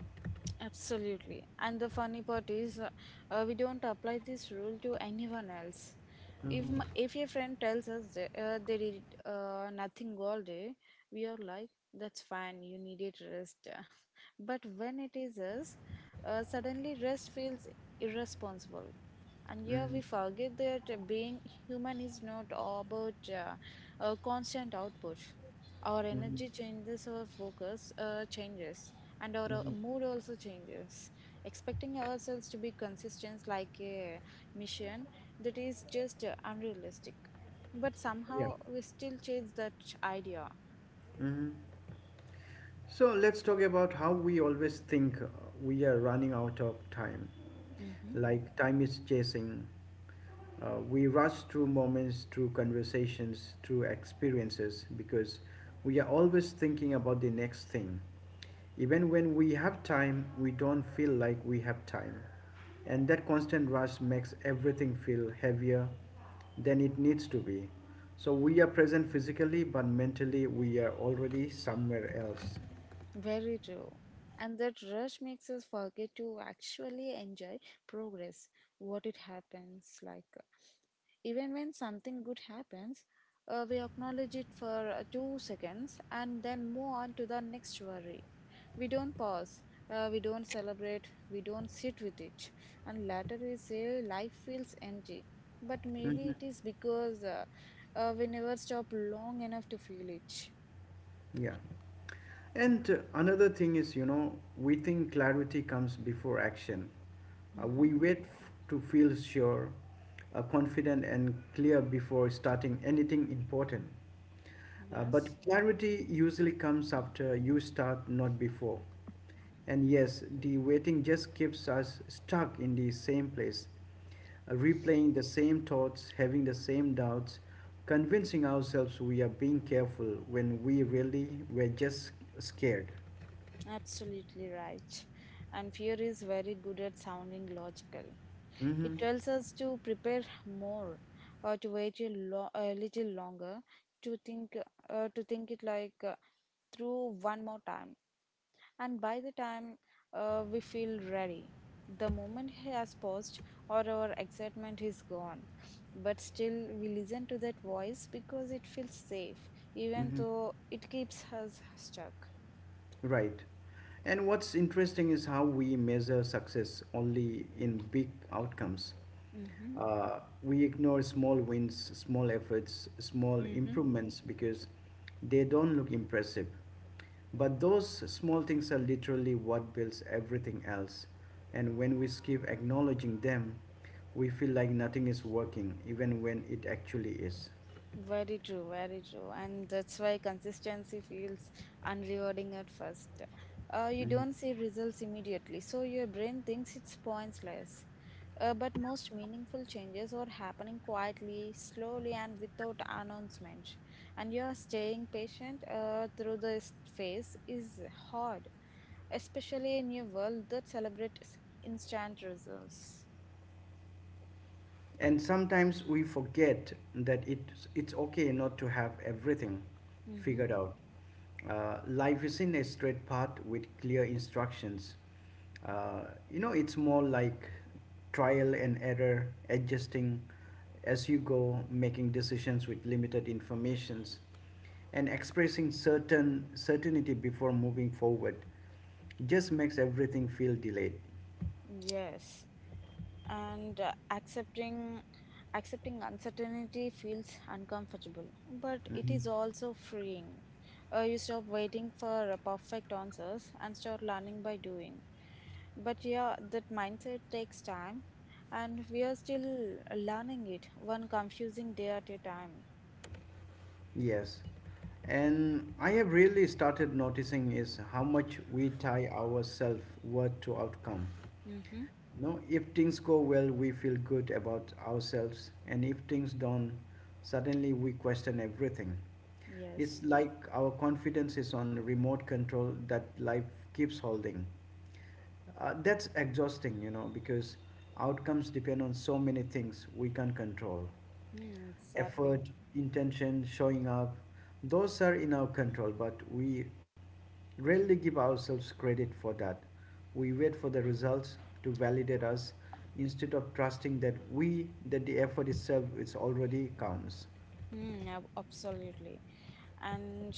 Speaker 1: absolutely. And the funny part is, we don't apply this rule to anyone else.
Speaker 2: Mm-hmm.
Speaker 1: If your friend tells us that, they did nothing all day, we are like, that's fine, you needed rest. But when it is us, suddenly rest feels irresponsible. And yeah,
Speaker 2: Mm-hmm.
Speaker 1: we forget that being human is not all about constant output. Our
Speaker 2: Mm-hmm.
Speaker 1: energy changes, our focus changes, and our
Speaker 2: Mm-hmm.
Speaker 1: mood also changes. Expecting ourselves to be consistent like a mission, that is just unrealistic. But
Speaker 2: Yeah.
Speaker 1: somehow we still chase that idea.
Speaker 2: Mm-hmm. So let's talk about how we always think we are running out of time.
Speaker 1: Hmm.
Speaker 2: Like time is chasing. We rush through moments, through conversations, through experiences because we are always thinking about the next thing. Even when we have time, we don't feel like we have time. And that constant rush makes everything feel heavier than it needs to be. So we are present physically, but mentally we are already somewhere else.
Speaker 1: Very true. And that rush makes us forget to actually enjoy progress, what it happens like. Even when something good happens, we acknowledge it for 2 seconds and then move on to the next worry. We don't pause, we don't celebrate, we don't sit with it. And later we say life feels empty. But maybe
Speaker 2: Mm.
Speaker 1: it is because we never stop long enough to feel it.
Speaker 2: Yeah. And another thing is, we think clarity comes before action.
Speaker 1: Hmm.
Speaker 2: We wait to feel sure, confident, and clear before starting anything important. But
Speaker 1: Yes.
Speaker 2: clarity usually comes after you start, not before. And yes, the waiting just keeps us stuck in the same place, replaying the same thoughts, having the same doubts, convincing ourselves we are being careful when we really were just scared.
Speaker 1: Absolutely right. And fear is very good at sounding logical. It
Speaker 2: Mm-hmm.
Speaker 1: tells us to prepare more, or to wait a little longer, to think, to think it through one more time. And by the time we feel ready, the moment has passed or our excitement is gone. But still, we listen to that voice because it feels safe, even
Speaker 2: Mm-hmm.
Speaker 1: though it keeps us stuck.
Speaker 2: Right. And what's interesting is how we measure success only in big outcomes.
Speaker 1: Mm-hmm.
Speaker 2: We ignore small wins, small efforts, small
Speaker 1: Mm-hmm.
Speaker 2: improvements because they don't look impressive. But those small things are literally what builds everything else. And when we skip acknowledging them, we feel like nothing is working, even when it actually is.
Speaker 1: Very true, very true. And that's why consistency feels unrewarding at first. You
Speaker 2: Mhm.
Speaker 1: don't see results immediately, so your brain thinks it's pointless. But most meaningful changes are happening quietly, slowly, and without announcement. And you are staying patient through this phase is hard, especially in a world that celebrates instant results.
Speaker 2: And sometimes we forget that it's okay not to have everything
Speaker 1: Hmm.
Speaker 2: figured out. Life isn't a straight path with clear instructions. Uh, it's more like trial and error, adjusting as you go, making decisions with limited informations, and expressing certainty before moving forward. Just makes everything feel delayed.
Speaker 1: Yes. and Accepting uncertainty feels uncomfortable, but it
Speaker 2: Mhm.
Speaker 1: is also freeing. You stop waiting for perfect answers and start learning by doing, but yeah, that mindset takes time, and we are still learning it one confusing day at a time.
Speaker 2: Yes. And I have really started noticing is how much we tie our self worth to outcome.
Speaker 1: Mm-hmm.
Speaker 2: No, if things go well, we feel good about ourselves, and if things don't, suddenly we question everything. It's
Speaker 1: Yes.
Speaker 2: like our confidence is on remote control that life keeps holding. That's exhausting, because outcomes depend on so many things we can't control,
Speaker 1: Mm, exactly.
Speaker 2: effort, intention, showing up, those are in our control, but we rarely give ourselves credit for that. We wait for the results to validate us instead of trusting that the effort itself is already counts.
Speaker 1: Hmm. Absolutely. And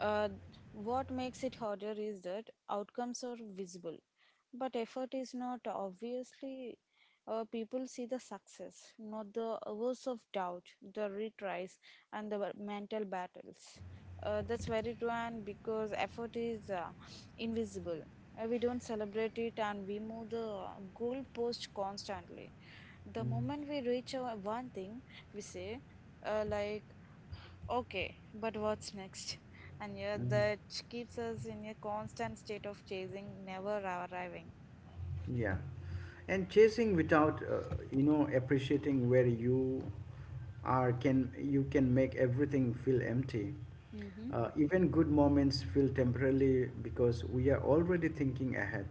Speaker 1: uh, what makes it harder is that outcomes are visible, but effort is not. Obviously, people see the success, not the hours of doubt, the retries, and the mental battles. That's very true, and because effort is invisible, we don't celebrate it and we move the goalpost constantly. The moment we reach our one thing, we say, uh, like Okay, but what's next? And yeah,
Speaker 2: Mhm.
Speaker 1: that keeps us in a constant state of chasing, never arriving.
Speaker 2: Yeah. And chasing without, appreciating where you are can you can make everything feel empty.
Speaker 1: Mm-hmm.
Speaker 2: Even good moments feel temporarily because we are already thinking ahead.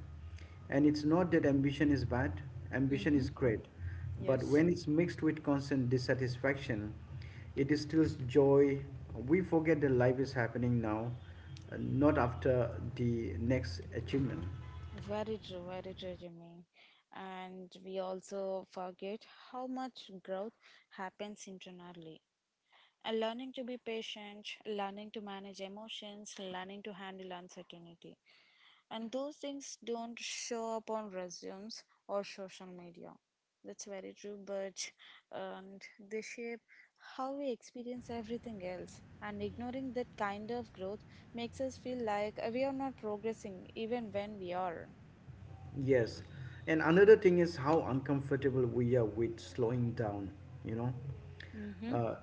Speaker 2: And it's not that ambition is bad, ambition
Speaker 1: Mm-hmm.
Speaker 2: is great. But
Speaker 1: Yes.
Speaker 2: when it's mixed with constant dissatisfaction, it distills joy. We forget that life is happening now, not after the next achievement.
Speaker 1: Very true, Jimmy. And we also forget how much growth happens internally. And learning to be patient, learning to manage emotions, learning to handle uncertainty. And those things don't show up on resumes or social media. That's very true, but and they shape how we experience everything else. And ignoring that kind of growth makes us feel like we are not progressing, even when we are.
Speaker 2: Yes. And another thing is how uncomfortable we are with slowing down, you know.
Speaker 1: Mm-hmm.
Speaker 2: Uh,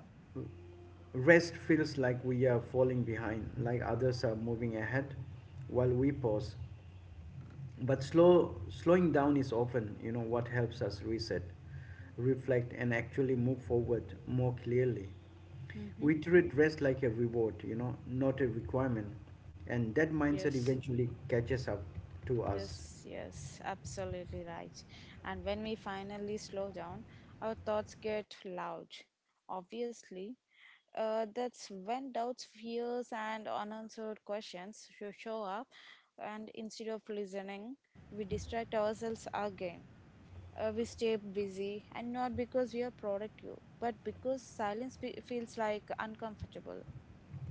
Speaker 2: Rest feels like we are falling behind, like others are moving ahead while we pause. But slowing down is often, what helps us reset, reflect and actually move forward more clearly.
Speaker 1: Mm-hmm.
Speaker 2: We treat rest like a reward, not a requirement. And that mindset
Speaker 1: Yes.
Speaker 2: eventually catches up to us.
Speaker 1: Yes, yes, absolutely right. And when we finally slow down, our thoughts get loud. Obviously, that's when doubts, fears, and unanswered questions should show up. And instead of listening, we distract ourselves again. We stay busy, and not because we are productive, but because feels like uncomfortable.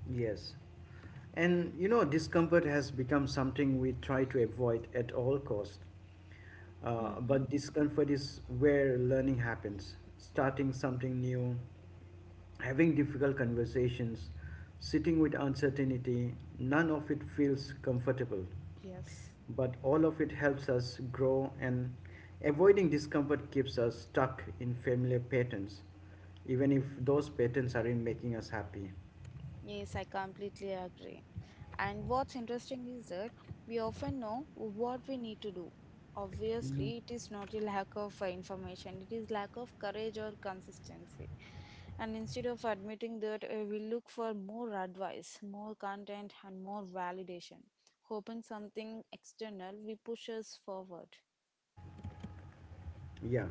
Speaker 2: Yes. And you know, discomfort has become something we try to avoid at all cost.
Speaker 1: Mm-hmm.
Speaker 2: But discomfort is where learning happens. Starting something new, having difficult conversations, sitting with uncertainty, none of it feels comfortable.
Speaker 1: Yes.
Speaker 2: But all of it helps us grow, and avoiding discomfort keeps us stuck in familiar patterns, even if those patterns aren't making us happy.
Speaker 1: Yes, I completely agree. And what's interesting is that we often know what we need to do. Obviously, it is not a lack of information, it is lack of courage or consistency. And instead of admitting that, we look for more advice, more content, and more validation, hoping something external will push us forward.
Speaker 2: Yeah.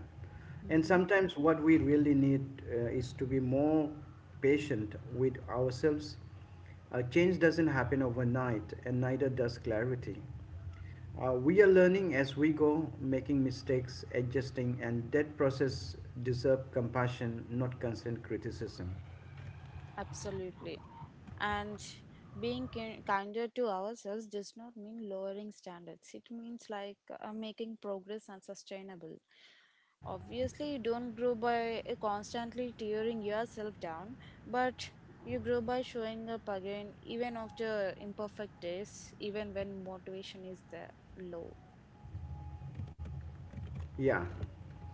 Speaker 2: And sometimes what we really need is to be more patient with ourselves. Change doesn't happen overnight, and neither does clarity. We are learning as we go, making mistakes, adjusting, and that process deserves compassion, not constant criticism.
Speaker 1: Absolutely. And kinder to ourselves does not mean lowering standards. It means like making progress and sustainable. Obviously, you don't grow by constantly tearing yourself down, but you grow by showing up again, even after imperfect days, even when motivation is the low.
Speaker 2: Yeah.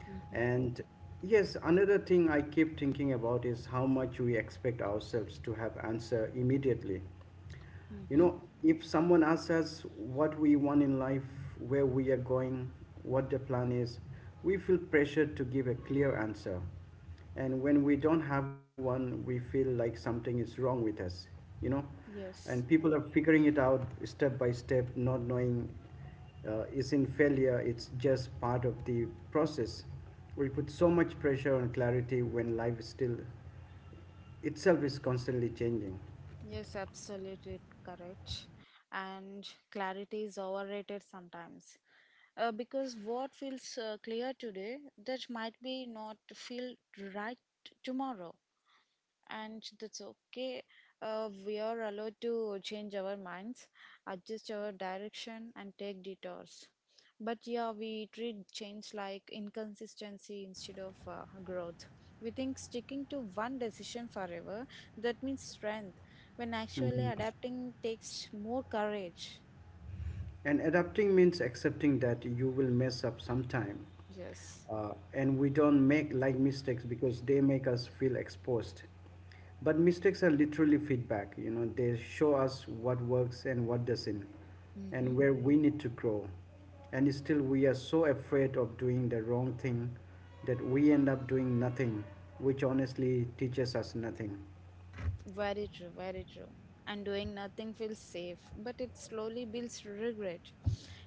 Speaker 1: Mm-hmm.
Speaker 2: And yes, another thing I keep thinking about is how much we expect ourselves to have answer immediately. You
Speaker 1: Mm-hmm.
Speaker 2: know, if someone asks us what we want in life, where we are going, what the plan is, we feel pressured to give a clear answer. And when we don't have one, we feel like something is wrong with us, you know. And
Speaker 1: Yes.
Speaker 2: people are figuring it out step by step, not knowing is in failure, it's just part of the process. We put so much pressure on clarity when life is still itself is constantly changing.
Speaker 1: Yes, absolutely correct. And clarity is overrated sometimes. Because what feels clear today, that might be not feel right tomorrow, and that's okay. We are allowed to change our minds, adjust our direction, and take detours. But yeah, we treat change like inconsistency instead of growth. We think sticking to one decision forever that means strength, when actually adapting takes more courage.
Speaker 2: And adapting means accepting that you will mess up sometime.
Speaker 1: Yes.
Speaker 2: And we don't make like mistakes because they make us feel exposed. But mistakes are literally feedback, they show us what works and what doesn't,
Speaker 1: Mm-hmm.
Speaker 2: and where we need to grow. And still, we are so afraid of doing the wrong thing that we end up doing nothing, which honestly teaches us nothing.
Speaker 1: Very true, very true. And doing nothing feels safe, but it slowly builds regret.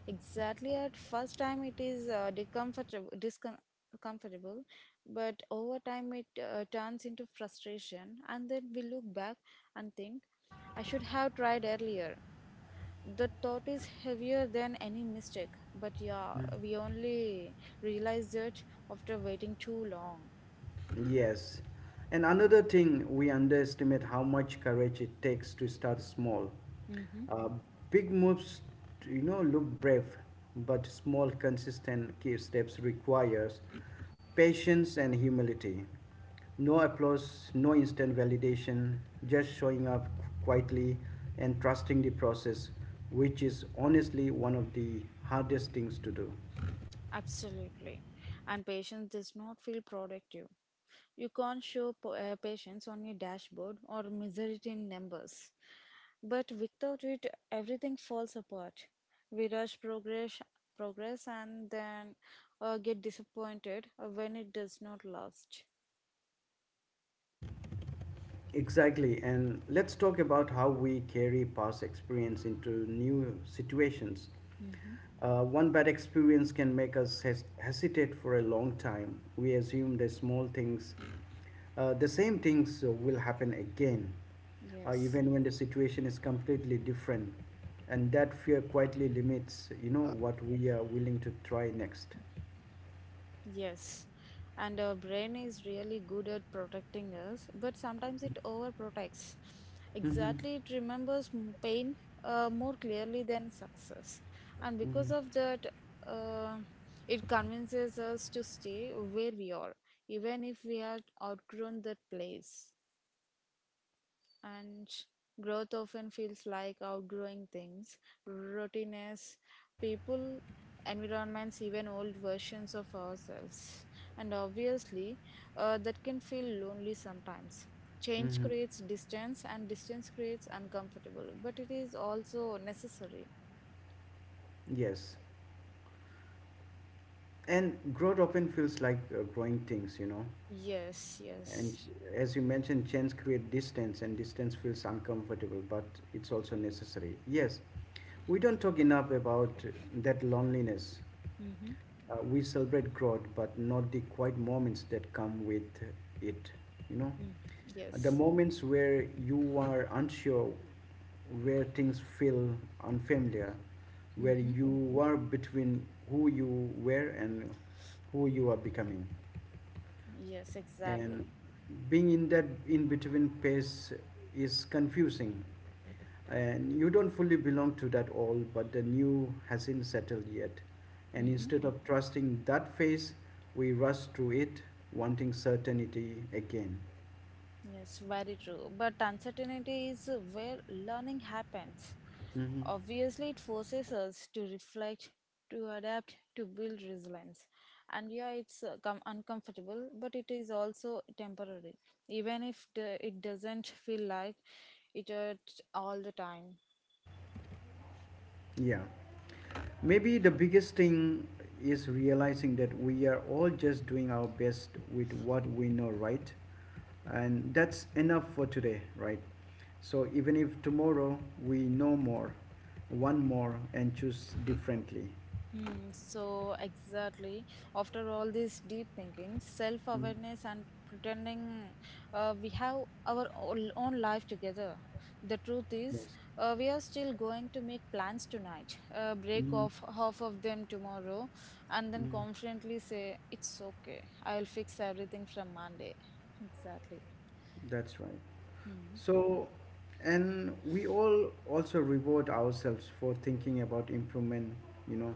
Speaker 1: Exactly, at first time it is discomfortable, but over time it turns into frustration, and then we look back and think, I should have tried earlier. The thought is heavier than any mistake, but yeah, we only realize it after waiting too long.
Speaker 2: Yes. And another thing, we underestimate how much courage it takes to start small.
Speaker 1: Mm-hmm.
Speaker 2: Uh, Big moves, look brave, but small, consistent key steps requires patience and humility. No applause, no instant validation, just showing up quietly and trusting the process, which is honestly one of the hardest things to do.
Speaker 1: Absolutely. And patience does not feel productive. You can't show patience on your dashboard or measure it in numbers. But without it, everything falls apart. We rush progress, and then get disappointed when it does not last.
Speaker 2: Exactly, and let's talk about how we carry past experience into new situations.
Speaker 1: Hmm.
Speaker 2: One bad experience can make us hesitate for a long time. We assume the small things, the same things will happen again,
Speaker 1: Yes.
Speaker 2: even when the situation is completely different. And that fear quietly limits, what we are willing to try next.
Speaker 1: Yes, and our brain is really good at protecting us, but sometimes it overprotects.
Speaker 2: Mm-hmm,
Speaker 1: Exactly, it pain more clearly than success, and because of
Speaker 2: mm-hmm,
Speaker 1: that, uh, it convinces us to stay where we are, even if we have outgrown that place, and growth often feels like outgrowing things, routines, people, environments, even old versions of ourselves. And obviously, that can feel lonely sometimes. Change
Speaker 2: mm-hmm.
Speaker 1: creates distance, and distance creates uncomfortable, but it is also necessary.
Speaker 2: Yes. And growth often feels like growing things,
Speaker 1: Yes,
Speaker 2: And
Speaker 1: yes.
Speaker 2: as you mentioned, chains create distance, and distance feels uncomfortable, but it's also necessary. Yes, we don't talk enough about that loneliness.
Speaker 1: Mm-hmm.
Speaker 2: We celebrate growth, but not the quiet moments that come with it. You know,
Speaker 1: Mm.
Speaker 2: the
Speaker 1: Yes.
Speaker 2: moments where you are unsure, where things feel unfamiliar, where
Speaker 1: Mm-hmm.
Speaker 2: you are between who you were and who you are becoming,
Speaker 1: Yes, exactly.
Speaker 2: and being in that in between phase is confusing, and you don't fully belong to that all but the new hasn't settled yet, and
Speaker 1: Mm-hmm.
Speaker 2: instead of trusting that phase we rush through it wanting certainty again.
Speaker 1: Yes, very true. But uncertainty is where learning happens.
Speaker 2: Hmm.
Speaker 1: Obviously, it forces us to reflect, to adapt, to build resilience. And yeah, it's uncomfortable, but it is also temporary. Even if the, it doesn't feel like it at all the time.
Speaker 2: Yeah. Maybe the biggest thing is realizing that we are all just doing our best with what we know, right? And that's enough for today, right? So even if tomorrow we know more, one more, and choose differently.
Speaker 1: Hmm, so exactly. After all this deep thinking,
Speaker 2: Mm,
Speaker 1: self-awareness and pretending we have own life together. The truth is,
Speaker 2: yes.
Speaker 1: we are still going to make plans tonight, break
Speaker 2: Mm,
Speaker 1: off half of them tomorrow, and then
Speaker 2: mm,
Speaker 1: confidently say, "It's okay, I'll fix everything from Monday." Exactly.
Speaker 2: that's right.
Speaker 1: Hmm.
Speaker 2: So, and we all also reward ourselves for thinking about improvement, you know.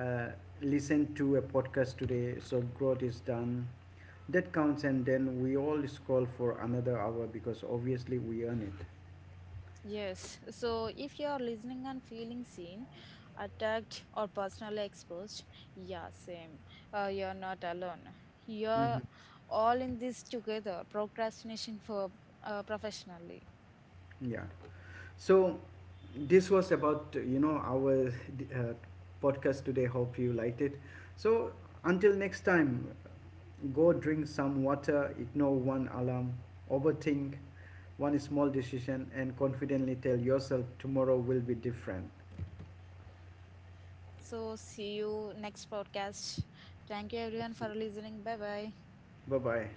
Speaker 2: Uh, Listen to a podcast today, so growth is done. That counts, and then we all scroll for another hour because obviously we earn it.
Speaker 1: Yes, so if you are listening and feeling seen, attacked, or personally exposed, yeah, same. You're not alone. You're
Speaker 2: Hmm.
Speaker 1: all in this together, procrastination for professionally.
Speaker 2: Yeah. So, this was about you know our uh, podcast today. Hope you liked it. So, until next time, go drink some water, ignore one alarm, overthink one small decision, and confidently tell yourself tomorrow will be different.
Speaker 1: So, see you next podcast. Thank you everyone for listening. Bye bye.
Speaker 2: Bye bye.